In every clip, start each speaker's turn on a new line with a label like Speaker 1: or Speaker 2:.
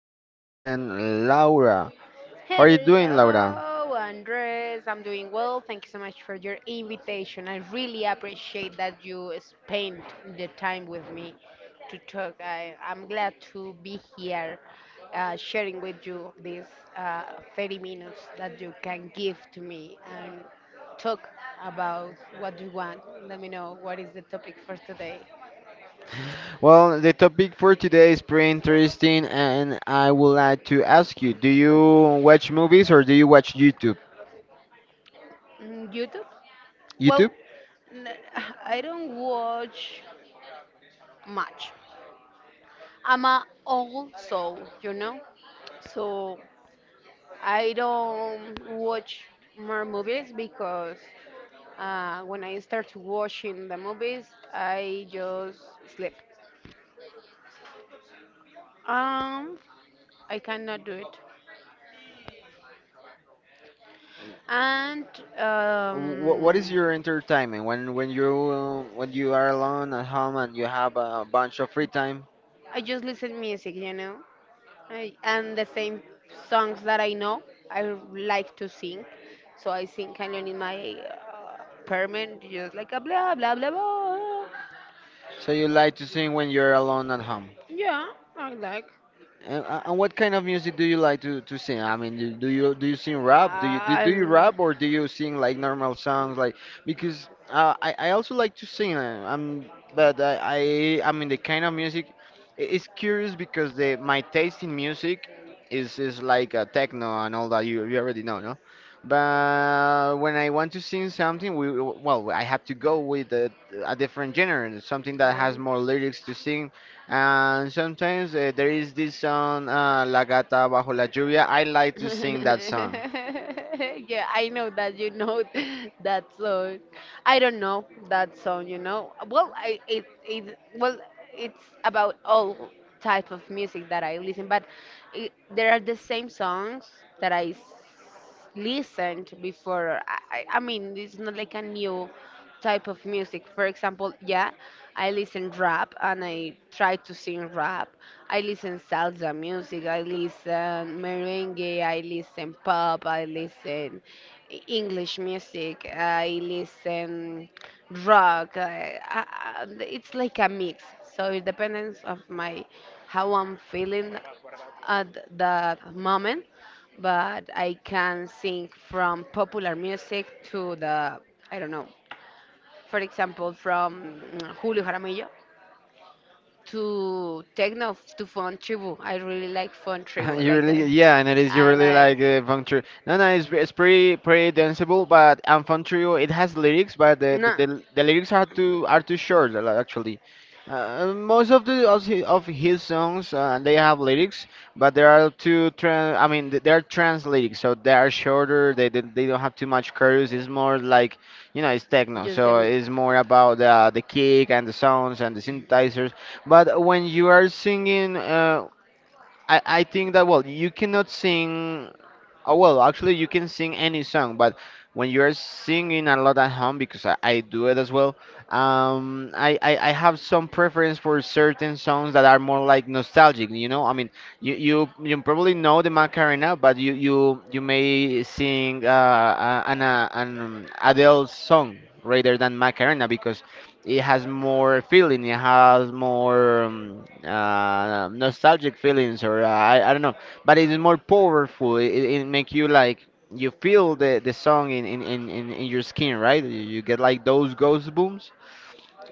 Speaker 1: beloved friend Laura. How are you doing, Laura?
Speaker 2: Hello, Andres. I'm doing well. Thank you so much for your invitation. I really appreciate that you spent the time with me to talk. I'm glad to be here sharing with you these uh, 30 minutes that you can give to me and talk about what you want. Let me know what is the topic for today.
Speaker 1: Well, the topic for today is pretty interesting and I would like to ask you, do you watch movies or do you watch YouTube?
Speaker 2: Mm, YouTube? Well,
Speaker 1: YouTube?
Speaker 2: n- I don't watch much. I'm a old soul, you know, so I don't watch more movies because when I start watching the movies, I just sleep. Um, I cannot do it, and
Speaker 1: What is
Speaker 2: um,
Speaker 1: your entertainment when you when you are alone at home and you have a bunch of free time?
Speaker 2: I just listen music, you know, and the same songs that I know. I like to sing, so I sing alone in my apartment, just like a blah blah blah blah.
Speaker 1: So you like to sing when you're alone at home?
Speaker 2: Yeah, I like.
Speaker 1: And what kind of music do you like to sing? I mean, do you sing rap? Do you
Speaker 2: Um,
Speaker 1: rap or do you sing like normal songs? Because I also like to sing. I'm but I mean the kind of music, it's curious because the my taste in music is like techno and all that you already know, no? But when I want to sing something, we well I have to go with a different genre, something that has
Speaker 2: like,
Speaker 1: more lyrics to sing. And sometimes there is this song, La Gata Bajo la Lluvia. I like to sing that song.
Speaker 2: yeah, I know that you know, that song. I don't know that song, you know. Well, I it it well, it's about all type of music that I listen, but there are the same songs that I listened before. I mean, it's not like a new type of music. For example, yeah, I listen rap and I try to sing rap. I listen salsa music. I listen merengue. I listen pop. I listen English music. I listen rock. It's like a mix. So it depends of my how I'm feeling at that moment, but I can sing from popular music to the, I don't know, for example, from Julio Jaramillo to techno to fun tribu. I really like fun tribu.
Speaker 1: You
Speaker 2: Like,
Speaker 1: really, yeah, and it is. You
Speaker 2: I
Speaker 1: really like
Speaker 2: like,
Speaker 1: the funk trio. No, no, it's pretty, pretty danceable. But and funk trio, it has lyrics, but the the,
Speaker 2: no,
Speaker 1: the, the lyrics are too short, a actually. Most of the of his songs, they have lyrics, but there are two trans. I mean, they are trans lyrics, so they are shorter. They don't have too much chorus. It's more like it's techno,
Speaker 2: just
Speaker 1: so
Speaker 2: them.
Speaker 1: it's more about the kick and the sounds and the synthesizers. But when you are singing, I think that, well, you cannot sing. Oh, well, actually, you can sing any song, but when you're singing a lot at home, because I do it as well, I have some preference for certain songs that are more like nostalgic, you know? I mean, you probably know the Macarena, but you may sing an Adele song rather than Macarena because it has more feeling, it has more nostalgic feelings, or I don't know, but it is more powerful. It make you like you feel the song in your skin, right? You get like those ghost booms.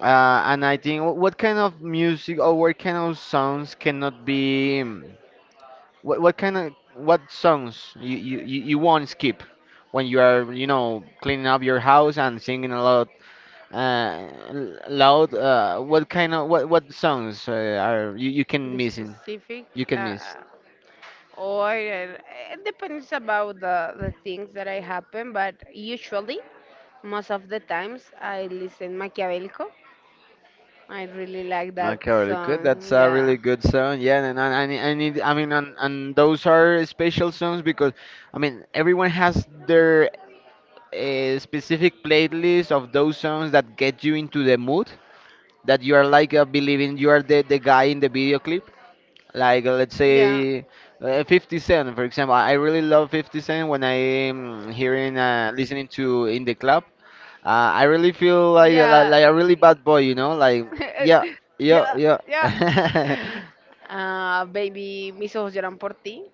Speaker 1: And I think what kind of music or what kind of songs cannot be, what kind of what songs you won't skip when you are cleaning up your house and singing a lot, loud. What kind of, what songs, are you can
Speaker 2: The
Speaker 1: missing,
Speaker 2: specific
Speaker 1: you can
Speaker 2: uh,
Speaker 1: miss.
Speaker 2: or it depends about the things that I happen, but usually, most of the times, I listen Machiavellico. I really like that
Speaker 1: Okay, really good. That's
Speaker 2: song.
Speaker 1: a
Speaker 2: Yeah.
Speaker 1: really good song. Yeah, and I, need- I need. I mean, and those are special songs because, I mean, everyone has their specific playlist of those songs that get you into the mood, that you are like believing you are the guy in the video clip. Like let's
Speaker 2: Yeah.
Speaker 1: say 50 Cent, for example. I really love 50 Cent when I'm hearing listening to in the club. I really feel
Speaker 2: Yeah.
Speaker 1: like a really bad boy, you know? Like, yeah, yeah,
Speaker 2: Yeah.
Speaker 1: yeah.
Speaker 2: Yeah. Baby, mis ojos lloran por ti.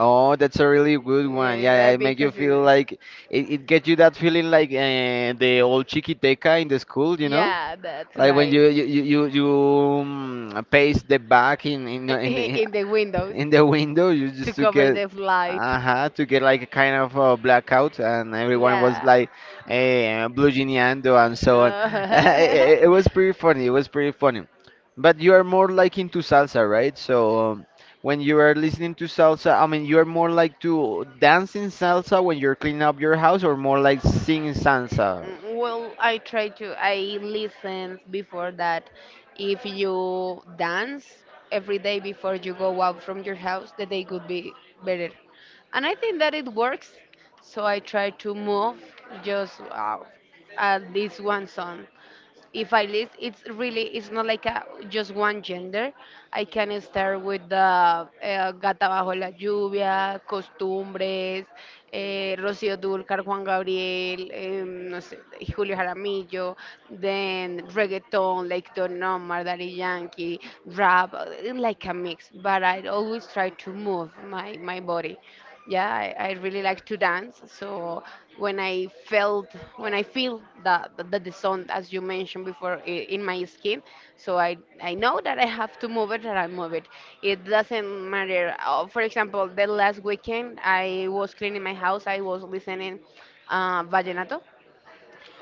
Speaker 1: Oh, that's a really good one.
Speaker 2: Yeah,
Speaker 1: Yeah,
Speaker 2: that
Speaker 1: it make you
Speaker 2: because
Speaker 1: feel
Speaker 2: it,
Speaker 1: like it gets you that feeling like the old chiquiteca in the school, you know?
Speaker 2: yeah, that's
Speaker 1: Like when
Speaker 2: right.
Speaker 1: you paste the back in in, in, in
Speaker 2: In the windows
Speaker 1: in the window, you
Speaker 2: to
Speaker 1: just to
Speaker 2: cover
Speaker 1: get.
Speaker 2: the light.
Speaker 1: Uh-huh. To get like a kind of blackout and everyone was
Speaker 2: Yeah.
Speaker 1: like, blue geniando and so on. It was pretty funny, it was pretty funny. But you are more like into salsa, right? So, when you are listening to salsa, I mean, you are more like to dancing salsa when you're cleaning up your house, or more like singing salsa?
Speaker 2: Mm, well, I try to. I listen before that. If you dance every day before you go out from your house, the day could be better. And I think that it works. So I try to move just at least one song if I list, it's really it's not like a, just one gender. I can start with the Gata bajo la lluvia, Costumbres, eh, Rocío Dúrcal, Juan Gabriel, em, no sé, Julio Jaramillo, then reggaeton, like Don Omar, Daddy Yankee, rap, like a mix. But I always try to move my body. Yeah, I really like to dance, so when I felt when I feel that that the sound as you mentioned before in my skin, so I know that I have to move it and I move it. It doesn't matter. For example, the last weekend I was cleaning my house, I was listening vallenato,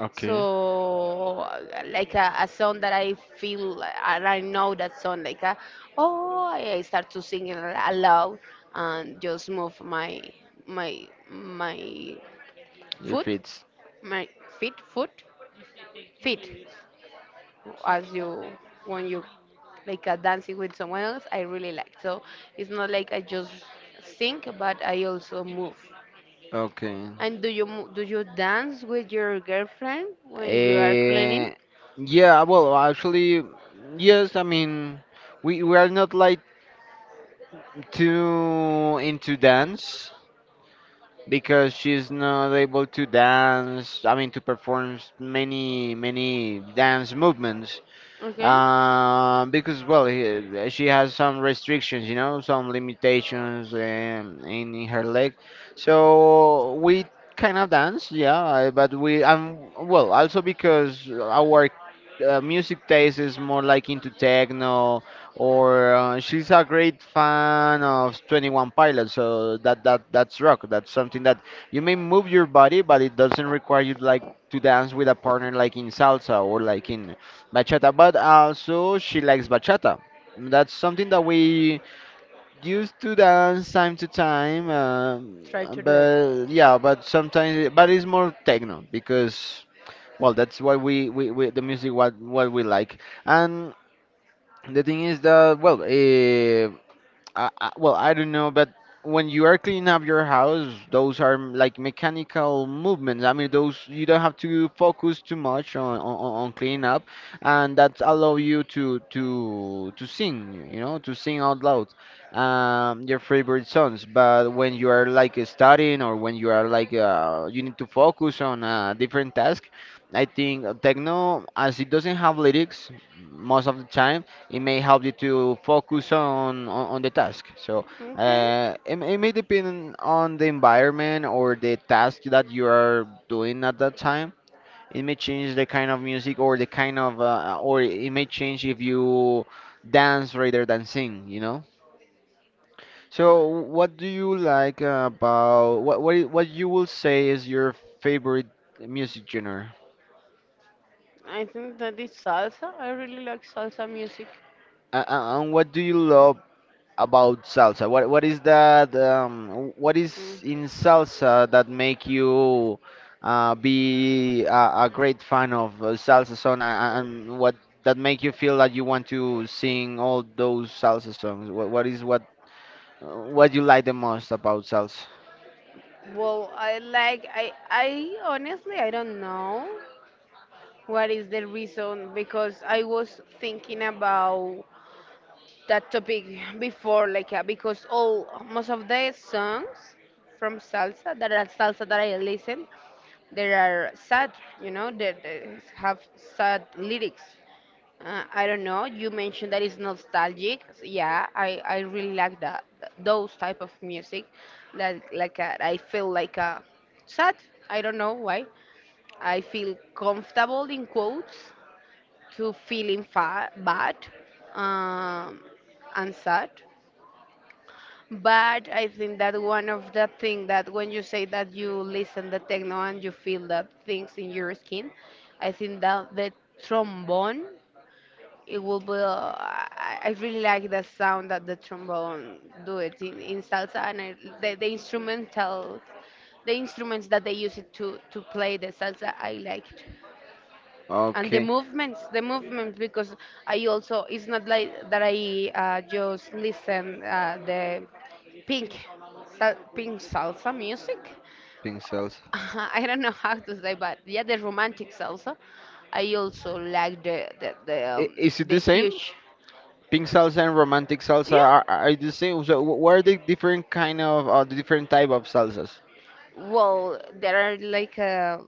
Speaker 1: Okay.
Speaker 2: so like a song that I feel like- and I know that song like a, oh I start to sing it aloud and just move my
Speaker 1: If
Speaker 2: foot
Speaker 1: it's
Speaker 2: my feet foot feet as you when you like a dancing with someone else I really like, so it's not like I just sing but I also move.
Speaker 1: okay.
Speaker 2: And do you do you dance with your girlfriend when you are
Speaker 1: Uh,
Speaker 2: cleaning?
Speaker 1: yeah, well, actually, yes, I mean, we are not like too into dance, because she's not able to dance, I mean, to perform many, many dance movements,
Speaker 2: Okay.
Speaker 1: because, well, she has some restrictions, some limitations in her leg. So we kind of dance, yeah, but we, well, also because our music taste is more like into techno, or she's a great fan of Twenty One Pilots, so that's rock. That's something that you may move your body, but it doesn't require you like to dance with a partner like in salsa or like in bachata. But also she likes bachata. That's something that we used to dance time to time,
Speaker 2: Try to do it.
Speaker 1: but yeah, but sometimes, but it's more techno because, well, that's why we the music, what we like. And the thing is that, well, eh. Well, I don't know, but when you are cleaning up your house, those are, like, mechanical movements. I mean, those you don't have to focus too much on cleaning up, and that allow you to sing, to sing out loud, your favorite songs. But when you are like studying or when you are like, you need to focus on a different task, I think techno, as it doesn't have lyrics most of the time, it may help you to focus on the task. So,
Speaker 2: Okay.
Speaker 1: it may depend on the environment or the task that you are doing at that time. It may change the kind of music or the kind of, or it may change if you dance rather than sing. So what do you like about, what you will say is your favorite music genre?
Speaker 2: I think that is salsa. I really like salsa music.
Speaker 1: And what do you love about salsa? What is that? What is
Speaker 2: Mm.
Speaker 1: in salsa that make you be a great fan of salsa song, and what that make you feel that you want to sing all those salsa songs? What is what, what you like the most about salsa?
Speaker 2: Well, I like I honestly I don't know what is the reason because I was thinking about that topic before, like because all most of the songs from salsa that are salsa that I listen, they are sad, you know, they have sad lyrics. I don't know. You mentioned that it's nostalgic. Yeah, I really like that those type of music. Like I feel like sad. I don't know why. I feel comfortable in quotes to feeling fa bad um, and sad. But I think that one of the thing that when you say that you listen the techno and you feel the things in your skin, I think that the trombone it will be. I really like the sound that the trombone do it in salsa, and the instrumental, the instruments that they use it to play the salsa, I liked, and
Speaker 1: Okay,
Speaker 2: the movements because I also it's not like that I just listen the pink pink salsa music.
Speaker 1: pink salsa.
Speaker 2: I don't know how to say, but yeah, the romantic salsa. I also like the
Speaker 1: Is it
Speaker 2: the
Speaker 1: the same?
Speaker 2: huge.
Speaker 1: Pink salsa and romantic salsa
Speaker 2: Yeah.
Speaker 1: are the same. So what are the different kind of, the different type of salsas?
Speaker 2: Well, there are like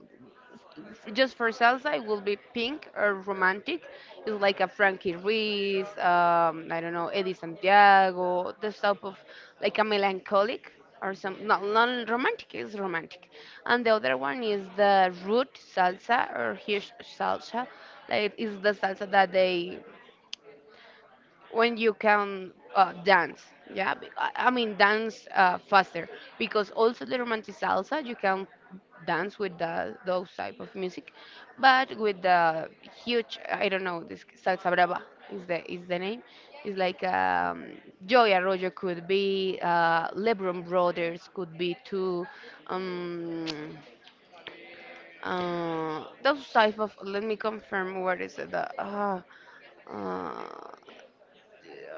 Speaker 2: just for salsa, it will be pink or romantic. It's like a Frankie Ruiz, I don't know, Eddie Santiago, this type of like a melancholic or some not not romantic is romantic, and the other one is the root salsa or huge salsa. Like it's the salsa that they when you can dance, yeah, I mean dance faster because also the romantic salsa you can dance with the, those type of music, but with the huge I don't know this salsa brava is the name. It's like Joy Arroyo could be Lebron Brothers could be too, um, those type of let me confirm what is it the uh,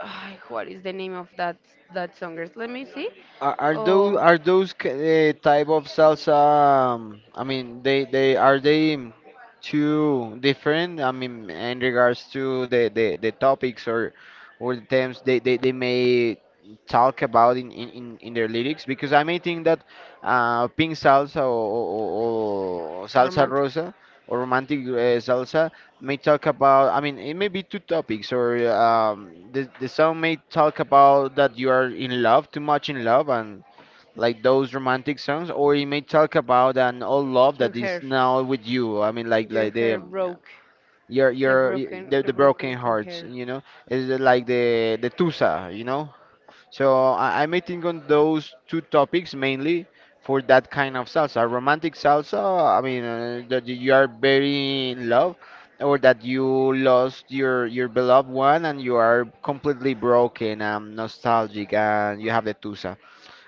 Speaker 2: ay, what is the name of that that songers? Let me see.
Speaker 1: Are, are those
Speaker 2: Oh,
Speaker 1: are those k- uh, type of salsa? I mean, they too different? I mean, in regards to the topics, or the themes they may talk about in their lyrics, because I may think that, pink salsa, or salsa
Speaker 2: romantic.
Speaker 1: rosa, or romantic, salsa, may talk about, I mean, it may be two topics. Or the song may talk about that you are in love, too much in love, and like those romantic songs, or it may talk about an old love
Speaker 2: Your
Speaker 1: that is
Speaker 2: hair,
Speaker 1: now with you. I mean, like
Speaker 2: your
Speaker 1: like the
Speaker 2: hair broke.
Speaker 1: your your y- the,
Speaker 2: The
Speaker 1: the broken
Speaker 2: broken king
Speaker 1: hearts
Speaker 2: hair.
Speaker 1: you know is like the tusa. So, I may think on those two topics mainly for that kind of salsa. Romantic salsa, I mean, that you are very in love, or that you lost your beloved one and you are completely broken and nostalgic and you have the tusa.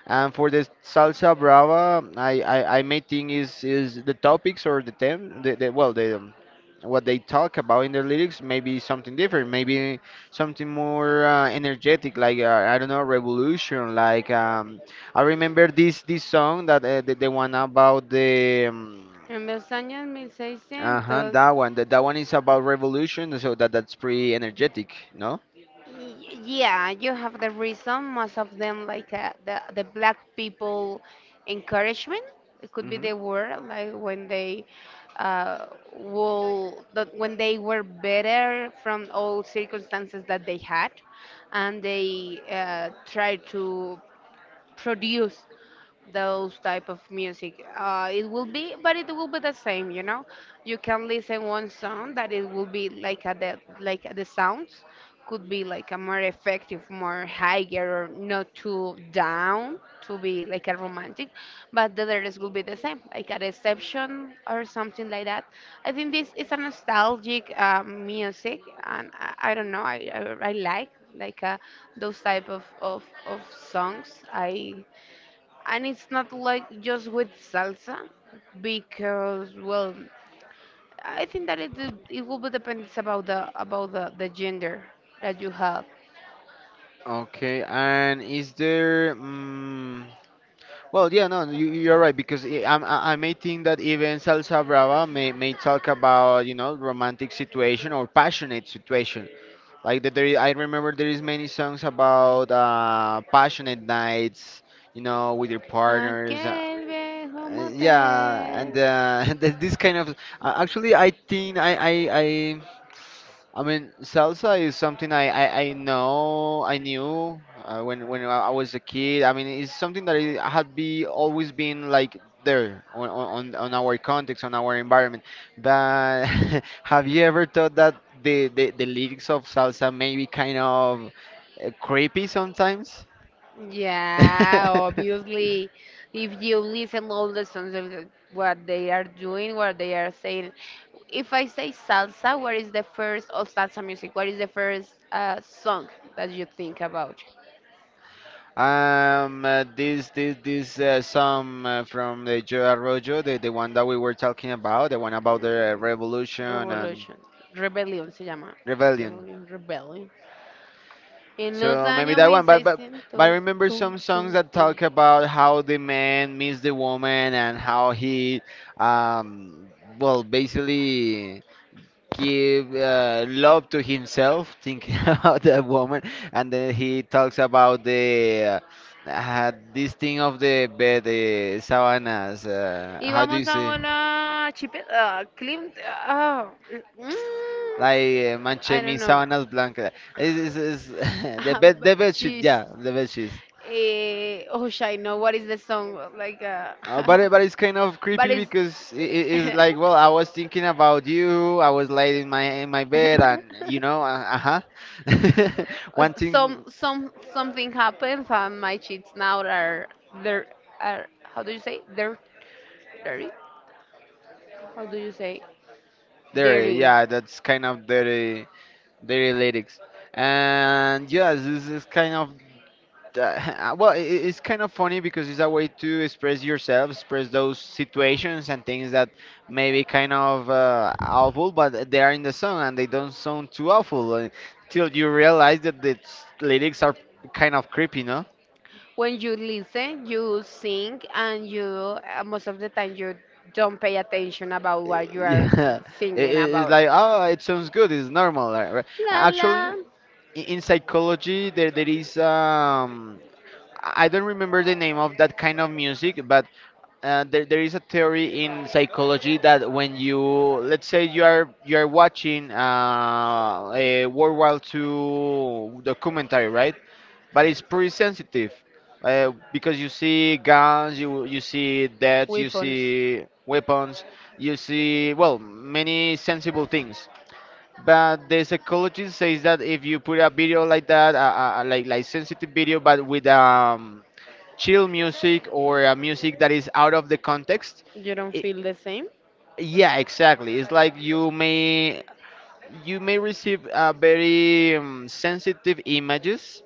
Speaker 1: And for the salsa brava, I may think is the topics, or the theme, the well, the, what they talk about in their lyrics may be something different, maybe something more energetic, like, I don't know, revolution. Like, I remember this song that, the one about the,
Speaker 2: En los años
Speaker 1: uh-huh,
Speaker 2: 1600.
Speaker 1: that one is about revolution, so that's pretty energetic, no?
Speaker 2: Y- Yeah, you have the reason. Most of them, like the black people encouragement, it could be
Speaker 1: Hmm.
Speaker 2: the word, like when they uh, will that when they were better from all circumstances that they had, and they try to produce those type of music. It will be, but it will be the same, you know. You can listen one song that it will be like a, the like the sounds could be like a more effective, more higher, or not too down to be like a romantic, but the others will be the same, like a reception or something like that. I think this is a nostalgic music, and I don't know, I like those type of songs. I and it's not like just with salsa because well I think that it will be depends about the gender that you have.
Speaker 1: Okay, and is there? Mm. Well, yeah, no, you're right because I may think that even Salsa Brava may talk about, romantic situation or passionate situation. Like that there, I remember there is many songs about, passionate nights, with your partners.
Speaker 2: Aquel viejo
Speaker 1: Yeah,
Speaker 2: motel.
Speaker 1: and and this kind of, actually, I think I I mean salsa is something I knew, when I was a kid. I mean, it's something that it had be always been like there on our context, on our environment. But have you ever thought that the lyrics of salsa may be kind of creepy sometimes?
Speaker 2: Yeah, obviously, if you listen all the songs, of what they are doing, what they are saying. If I say salsa, what is the first of salsa music? What is the first song that you think about?
Speaker 1: This song from the Joe Arroyo, the one that we were talking about, the one about the
Speaker 2: Mm,
Speaker 1: revolution and
Speaker 2: revolution, Rebellion se llama.
Speaker 1: rebellion.
Speaker 2: Rebellion, Rebellion. En los
Speaker 1: So maybe
Speaker 2: años
Speaker 1: that one, but but
Speaker 2: 1600.
Speaker 1: I remember
Speaker 2: Tun,
Speaker 1: some songs
Speaker 2: tun,
Speaker 1: that
Speaker 2: tun.
Speaker 1: talk about how the man meets the woman and how he, um, well, basically give love to himself, thinking about that woman. And then he talks about the this thing of the bed, the sabanas,
Speaker 2: Y
Speaker 1: how do you
Speaker 2: vamos a
Speaker 1: say,
Speaker 2: volar. Chipet. Ah, Klimt. Ah, mm,
Speaker 1: like manche
Speaker 2: I
Speaker 1: mi
Speaker 2: don't know.
Speaker 1: sabanas blancas. Is the
Speaker 2: Ah,
Speaker 1: bed the
Speaker 2: but
Speaker 1: bed sheet?
Speaker 2: jeez.
Speaker 1: Yeah, the bed sheets.
Speaker 2: Eh, oh, I know what is the song. Like,
Speaker 1: But it's kind of
Speaker 2: but
Speaker 1: creepy
Speaker 2: it's.
Speaker 1: because it is like, well, I was thinking about you, I was laid in my bed, and you know, uh huh,
Speaker 2: Some
Speaker 1: wanting.
Speaker 2: some something happens and my sheets now are they're are how do you say they're dirty? How do you say
Speaker 1: There,
Speaker 2: dirty?
Speaker 1: yeah, that's kind of their lyrics, and yes, this is kind of well, it's kind of funny because it's a way to express yourself, express those situations and things that may be kind of awful, but they are in the song and they don't sound too awful, till you realize that the lyrics are kind of creepy, no?
Speaker 2: When you listen, you sing, and you most of the time you don't pay attention about what you are
Speaker 1: Yeah,
Speaker 2: singing
Speaker 1: it's
Speaker 2: about.
Speaker 1: like, oh, it sounds good, it's normal. Right?
Speaker 2: La la.
Speaker 1: Actually, in psychology there is, I don't remember the name of that kind of music, but there is a theory in psychology that when you, let's say, you are watching a World War Two documentary, right? But it's pretty sensitive, because you see guns, you see deaths, you
Speaker 2: Weapons.
Speaker 1: see weapons, you see, well, many sensible things. But the psychologist says that if you put a video like that, like sensitive video, but with chill music, or music that is out of the context,
Speaker 2: You don't
Speaker 1: it,
Speaker 2: feel the same?
Speaker 1: yeah, exactly, it's like you may receive very, sensitive images,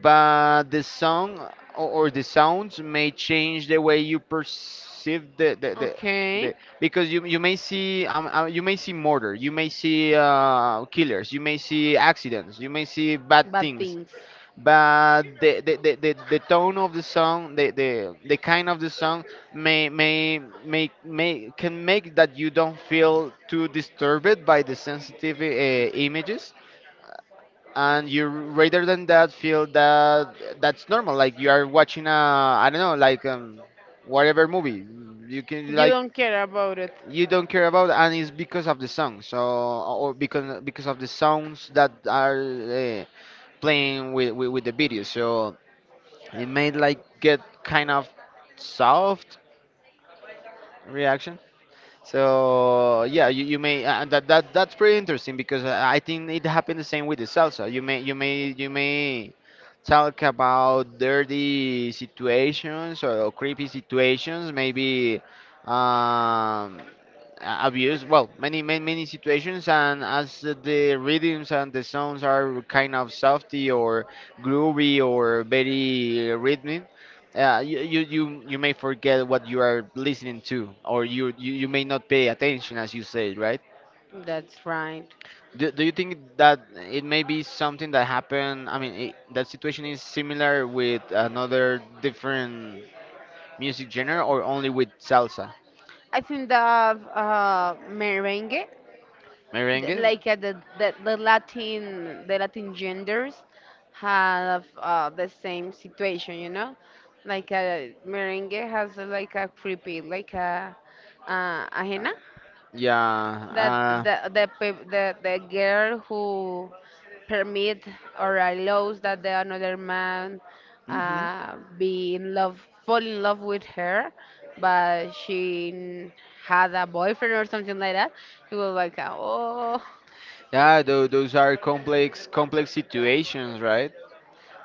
Speaker 1: but the song, or the sounds, may change the way you perceive the,
Speaker 2: Okay.
Speaker 1: because you may see, you may see murder, you may see killers, you may see accidents, you may see bad
Speaker 2: Bad
Speaker 1: things,
Speaker 2: things.
Speaker 1: but the tone of the song, the, the kind of the song may can make that you don't feel too disturbed by the sensitive images. And you, rather than that, feel that that's normal, like you are watching a, I don't know, like, whatever movie you can,
Speaker 2: You
Speaker 1: like,
Speaker 2: don't care about it.
Speaker 1: you don't care about, and it's because of the song, so, or because of the sounds that are playing with, with the video. So it made like get kind of soft reaction. So yeah, you may that, that's pretty interesting because, I think it happened the same with the salsa. You may talk about dirty situations or creepy situations, maybe, um abuse, well, many situations, and as the rhythms and the sounds are kind of softy or groovy or very rhythmic, yeah, you may forget what you are listening to, or you may not pay attention, as you said, right?
Speaker 2: That's right.
Speaker 1: Do you think that it may be something that happened? I mean, that situation is similar with another different music genre, or only with salsa,
Speaker 2: I think that merengue,
Speaker 1: merengue?
Speaker 2: like the Latin genders have the same situation, you know, like merengue has like a creepy like a ajena
Speaker 1: Yeah.
Speaker 2: that the the girl who permit or allows that the another man
Speaker 1: Hmm.
Speaker 2: be in love fall in love with her but she had a boyfriend or something like that. It was like oh.
Speaker 1: Yeah, those are complex situations, right?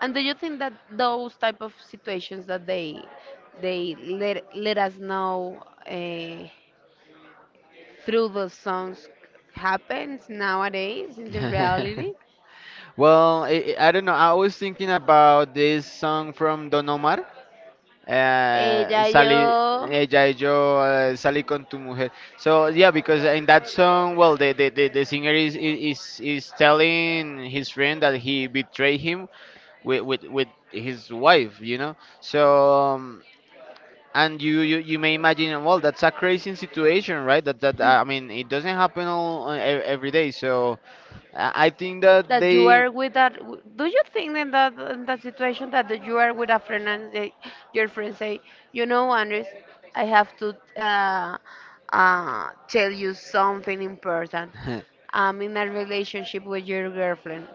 Speaker 2: And do you think that those type of situations that they let let us know uh, through the songs happens nowadays in the reality?
Speaker 1: Well, I don't know. I was thinking about this song from Don Omar.
Speaker 2: Ella y
Speaker 1: Sally,
Speaker 2: yo.
Speaker 1: ella y yo, salí con tu mujer. So yeah, because in that song, well, the singer is telling his friend that he betrayed him with his wife, you know. So, um, and you may imagine, well, that's a crazy situation, right? That, I mean, it doesn't happen all every day. So I think that
Speaker 2: That you
Speaker 1: they.
Speaker 2: are with that, do you think in that situation that you are with a friend and your friend say, you know, Andres, I have to uh, tell you something important. I'm in a relationship with your girlfriend.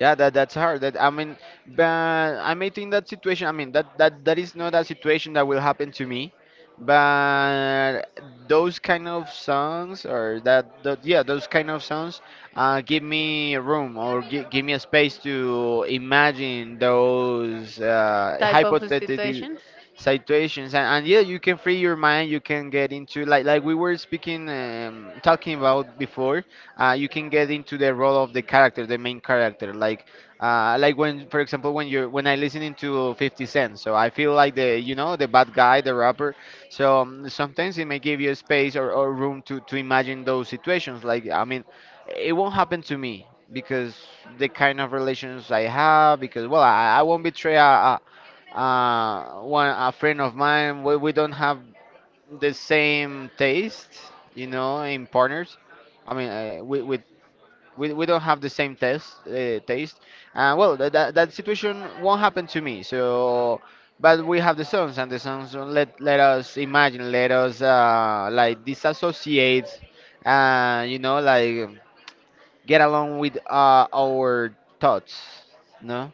Speaker 1: Yeah, that's hard. That, I mean, but I may think that situation. I mean, that is not a situation that will happen to me. But those kind of songs, or that, that yeah, those kind of songs, give me room, or give me a space to imagine those
Speaker 2: Type of
Speaker 1: hypothetical
Speaker 2: situations.
Speaker 1: situations, and yeah, you can free your mind, you can get into, like, we were speaking talking about before. You can get into the role of the character, the main character, like, like when, for example, when you're when I listening to 50 Cent, so I feel like the you know the bad guy, the rapper. So, sometimes it may give you a space, or room to imagine those situations, like, I mean, it won't happen to me because the kind of relations I have, because, well, I won't betray a, one a friend of mine. We don't have the same taste, you know, in partners. I mean, we don't have the same taste. Taste. Well, that situation won't happen to me. So, but we have the songs, and the songs, let us imagine, let us, like, disassociate, you know, like, get along with our thoughts, no.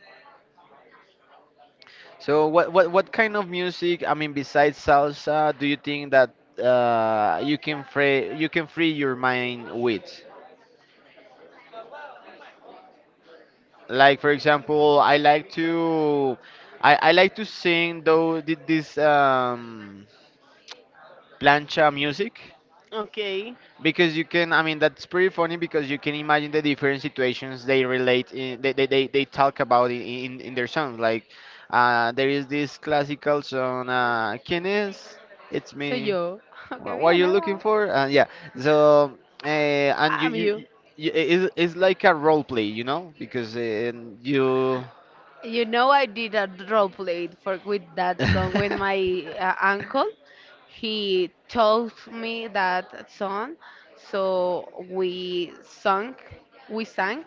Speaker 1: So what kind of music, I mean, besides salsa, do you think that you can free your mind with? Like, for example, I like to sing though, this, plancha music,
Speaker 2: Okay.
Speaker 1: because you can, I mean, that's pretty funny because you can imagine the different situations they relate in, they talk about in, in their songs. Like, there is this classical song, ¿Quién es? It's
Speaker 2: Soy
Speaker 1: me.
Speaker 2: yo. Okay,
Speaker 1: What
Speaker 2: bien
Speaker 1: you are looking
Speaker 2: Eva.
Speaker 1: for? Yeah. So, and
Speaker 2: I'm you.
Speaker 1: it's like a role play, you know, because you
Speaker 2: You know, I did a role play for with that song when my uncle he told me that song, so we sung, we sang,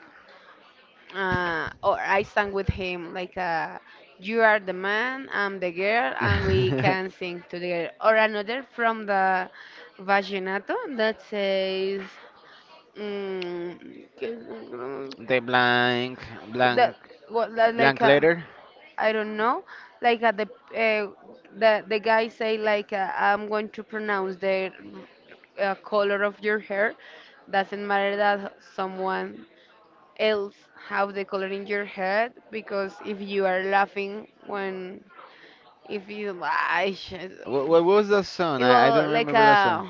Speaker 2: or I sang with him like you are the man, I'm the girl, and we can sing together. Or another from the Vaginato that says mm,
Speaker 1: the blank
Speaker 2: that
Speaker 1: blank
Speaker 2: what that like
Speaker 1: blank
Speaker 2: a
Speaker 1: letter.
Speaker 2: I don't know. Like at the uh, the guy say like I'm going to pronounce the color of your hair. Doesn't matter that someone else have the color in your head because if you are laughing when if you ay, shit.
Speaker 1: What was that song?
Speaker 2: It
Speaker 1: I don't
Speaker 2: will like
Speaker 1: remember that song.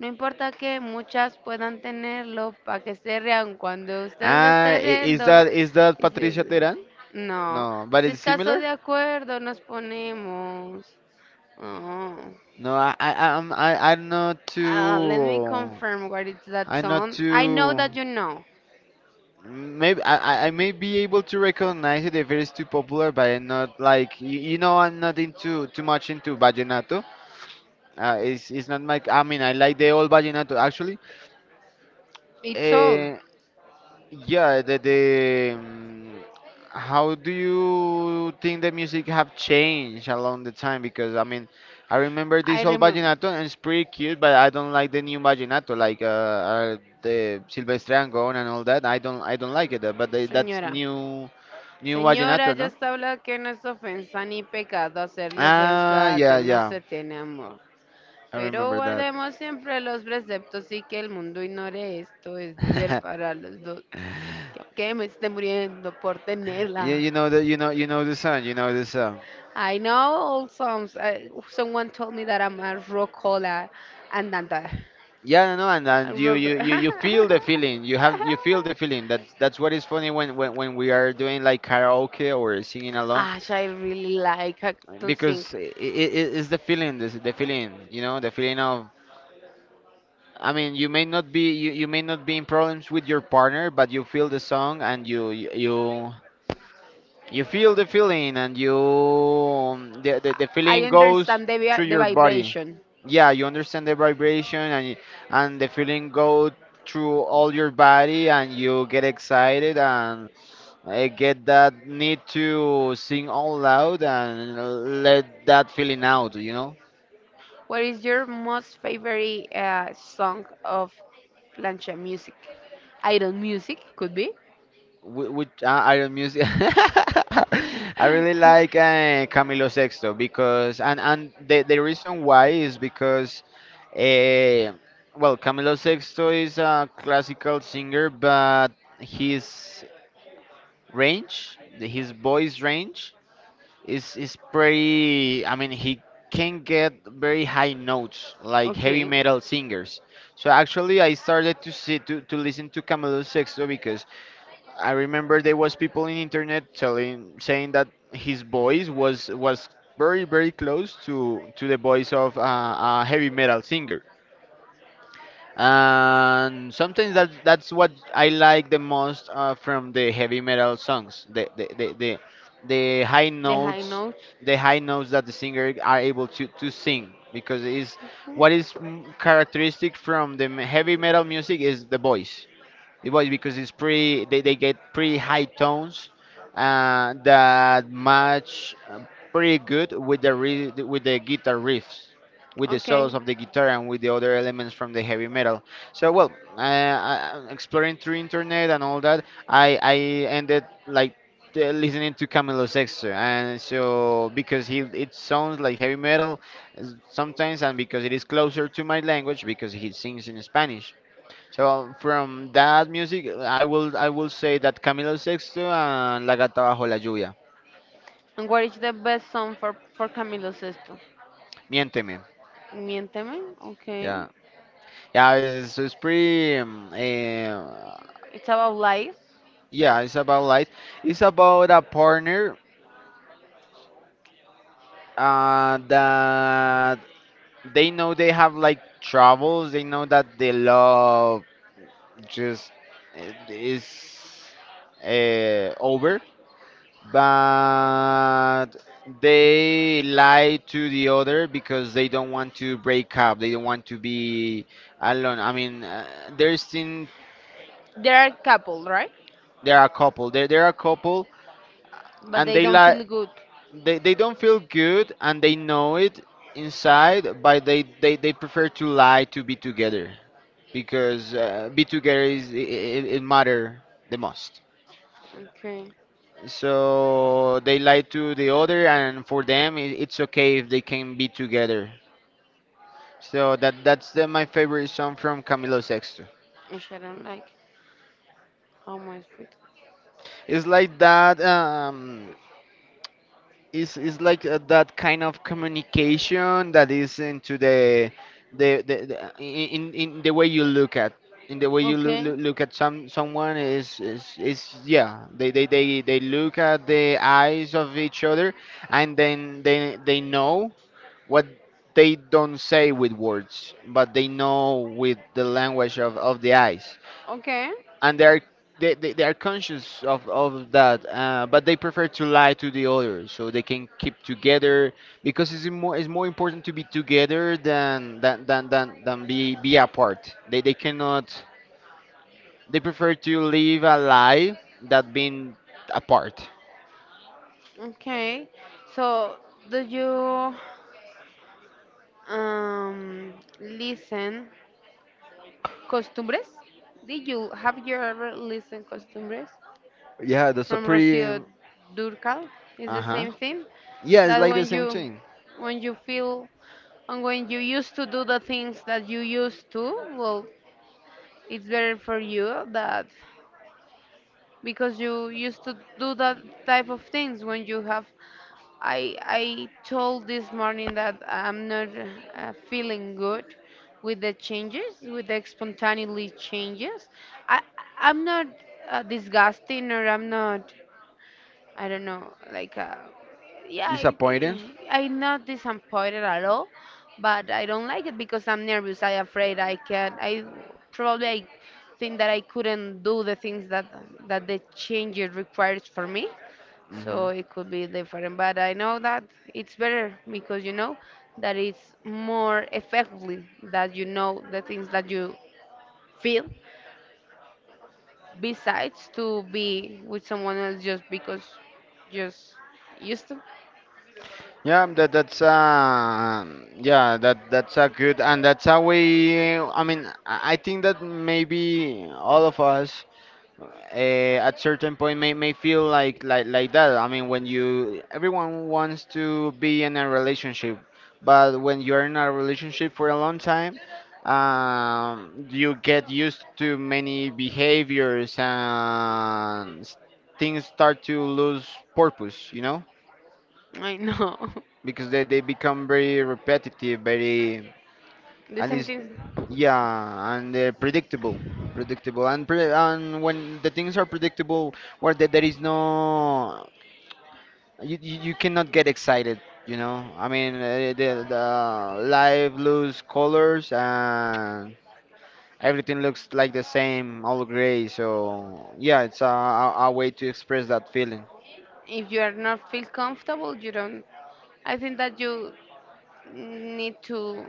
Speaker 2: no importa que muchas puedan tenerlo para que se rean cuando ustedes
Speaker 1: Ah,
Speaker 2: estén riendo.
Speaker 1: is that
Speaker 2: Sí, sí,
Speaker 1: Patricia
Speaker 2: sí.
Speaker 1: Teran?
Speaker 2: No,
Speaker 1: No, but
Speaker 2: si es
Speaker 1: it's
Speaker 2: caso
Speaker 1: similar.
Speaker 2: de acuerdo, nos ponemos. Oh.
Speaker 1: No, I'm not
Speaker 2: Ah, let me
Speaker 1: too.
Speaker 2: confirm what is that
Speaker 1: I'm not
Speaker 2: song. I know
Speaker 1: too.
Speaker 2: that you know.
Speaker 1: Maybe I may be able to recognize it if it is too popular, but I'm not like you know I'm not into too much into vallenato. It's not my, I mean, I like the old vallenato actually.
Speaker 2: It's all.
Speaker 1: Mm. Yeah, the how do you think the music have changed along the time? Because, I mean, I remember
Speaker 2: I
Speaker 1: this old
Speaker 2: remember.
Speaker 1: vallenato and it's pretty cute, but I don't like the new vallenato, like, the Silvestre Angón and all that. I don't like it, but they, that's
Speaker 2: Señora.
Speaker 1: new
Speaker 2: Señora,
Speaker 1: vallenato,
Speaker 2: ya
Speaker 1: no?
Speaker 2: está hablado que no es ofensa ni pecado hacerle
Speaker 1: Ah,
Speaker 2: ofensa a
Speaker 1: yeah,
Speaker 2: quien no
Speaker 1: yeah,
Speaker 2: se tiene amor.
Speaker 1: I
Speaker 2: Pero
Speaker 1: remember that.
Speaker 2: guardemos siempre los preceptos y que el mundo ignore esto es deber para los dos. Que aunque me esté muriendo por tenerla.
Speaker 1: You know the, you know the song, you know the song.
Speaker 2: I know some, eh, someone told me that I'm a rocola andante.
Speaker 1: Yeah, no, no, and,
Speaker 2: A
Speaker 1: and
Speaker 2: rock.
Speaker 1: you feel the feeling. You feel the feeling. That's what is funny when, when we are doing, like, karaoke or singing along,
Speaker 2: Ash, I really like to sing.
Speaker 1: because it's the feeling, this the feeling, you know, the feeling of. I mean, you may not be in problems with your partner, but you feel the song and you you feel the feeling, and you, the
Speaker 2: I I
Speaker 1: feeling goes
Speaker 2: understand the vi-
Speaker 1: through
Speaker 2: the
Speaker 1: your body.
Speaker 2: vibration.
Speaker 1: Yeah, you understand the vibration, and the feeling go through all your body, and you get excited and get that need to sing all loud and let that feeling out. You know.
Speaker 2: What is your most favorite song of plancha music? Iron music could be.
Speaker 1: Which, Iron Music? I really like, Camilo Sexto, because, and the reason why is because, uh, well, Camilo Sexto is a classical singer, but his range, his voice range, is pretty, I mean, he can get very high notes, like heavy
Speaker 2: Okay,
Speaker 1: metal singers. So actually I started to listen to Camilo Sexto because I remember there was people in internet telling saying that his voice was very close to the voice of, a heavy metal singer. And sometimes that's what I like the most, from the heavy metal songs. The high
Speaker 2: the high
Speaker 1: notes,
Speaker 2: notes.
Speaker 1: that the singer are able to sing, because is what is, characteristic from the, heavy metal music, is the voice. It was because it's pretty. They get pretty high tones, that match, pretty good with the, with the guitar riffs, with the
Speaker 2: Okay.
Speaker 1: solos of the guitar, and with the other elements from the heavy metal. So, well, exploring through internet and all that, I ended, like, listening to Camilo Sexto, and so because he it sounds like heavy metal sometimes, and because it is closer to my language because he sings in Spanish. From that music, I will say that Camilo Sexto and La Gata Bajo la Lluvia.
Speaker 2: And what is the best song for Camilo Sesto?
Speaker 1: Miénteme.
Speaker 2: Miénteme. Okay.
Speaker 1: Yeah, yeah, it's pretty.
Speaker 2: It's about lies.
Speaker 1: Yeah, it's about life. It's about a partner that they know they have like troubles. They know that the love just is over, but they lie to the other because they don't want to break up. They don't want to be alone. I mean, there's in
Speaker 2: They are a couple, right?
Speaker 1: there are a couple. There are a couple,
Speaker 2: But
Speaker 1: and
Speaker 2: they
Speaker 1: they
Speaker 2: don't
Speaker 1: lie.
Speaker 2: feel good.
Speaker 1: They don't feel good, and they know it inside, but they prefer to lie to be together because be together is it matter the most.
Speaker 2: Okay.
Speaker 1: So they lie to the other, and for them, it's okay if they can be together. So that's my favorite song from Camilo Sexto.
Speaker 2: Which I don't like. How much fit?
Speaker 1: It's like that. It's like that kind of communication that is into the in the way you look at in the way you
Speaker 2: Okay.
Speaker 1: look at someone is, yeah, they look at the eyes of each other, and then they know what they don't say with words, but they know with the language of the eyes.
Speaker 2: Okay.
Speaker 1: And they are conscious of that, but they prefer to lie to the others so they can keep together, because it's more important to be together than be apart. They cannot, they prefer to live a lie that being apart.
Speaker 2: Okay. So, do you um listen costumbres? Did you have you ever listened costumbres
Speaker 1: Yeah, that's a
Speaker 2: from
Speaker 1: pretty.
Speaker 2: Rocío Durcal? It's the
Speaker 1: Uh-huh,
Speaker 2: same thing
Speaker 1: yeah, it's
Speaker 2: that
Speaker 1: like the same thing.
Speaker 2: when you feel and when you used to do the things that you used to, well, it's better for you that because you used to do that type of things when you have I told this morning that I'm not feeling good with the changes, with the spontaneously changes. I I'm not disgusting or I'm not I don't know like yeah
Speaker 1: Disappointing.
Speaker 2: I, I'm not disappointed at all, but I don't like it because I'm nervous. I afraid I can I probably I think that I couldn't do the things that that the changes requires for me,
Speaker 1: Hmm.
Speaker 2: so it could be different but I know that it's better because you know that it's more effectively that you know the things that you feel besides to be with someone else just because just used to.
Speaker 1: Yeah, that that's uh yeah, that's a good and that's a way. I mean, I think that maybe all of us, at certain point, may feel like that. I mean, when you everyone wants to be in a relationship, but when you're in a relationship for a long time, you get used to many behaviors and things start to lose purpose. You know,
Speaker 2: I know.
Speaker 1: because they become very repetitive, very—
Speaker 2: The
Speaker 1: and
Speaker 2: same
Speaker 1: it's
Speaker 2: thing.
Speaker 1: yeah, and they're predictable, predictable, and and when the things are predictable, where there is no— you cannot get excited, you know. I mean, the life lose colors and everything looks like the same, all gray. So yeah, it's a way to express that feeling.
Speaker 2: If you are not feel comfortable you don't I think that you need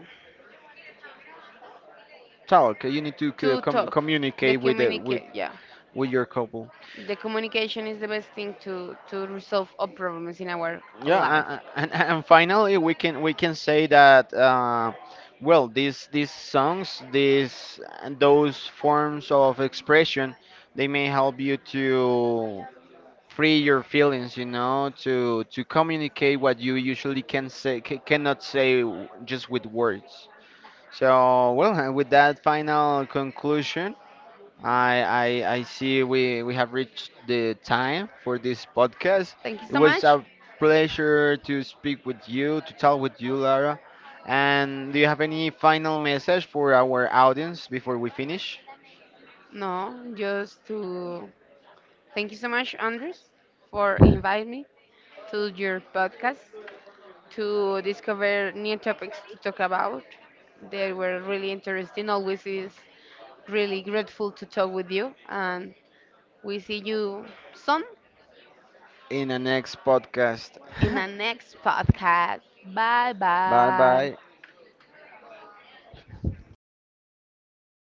Speaker 1: Talk. You need to
Speaker 2: to talk the
Speaker 1: communicate with
Speaker 2: communicate, yeah.
Speaker 1: with your couple.
Speaker 2: The communication is the best thing to resolve all problems in our
Speaker 1: Yeah,
Speaker 2: life.
Speaker 1: and finally we can say that, well, these songs, these and those forms of expression, they may help you to free your feelings, you know, to communicate what you usually cannot say just with words. So well, with that final conclusion, I, I see we have reached the time for this podcast.
Speaker 2: Thank you
Speaker 1: It
Speaker 2: so
Speaker 1: was
Speaker 2: much.
Speaker 1: a pleasure to speak with you, to talk with you, Lara. And do you have any final message for our audience before we finish?
Speaker 2: No, just to thank you so much, Andres, for inviting me to your podcast to discover new topics to talk about. They were really interesting. Always is really grateful to talk with you, and we see you soon
Speaker 1: In the next podcast.
Speaker 2: in the next podcast. Bye
Speaker 1: Bye
Speaker 2: bye.
Speaker 1: bye.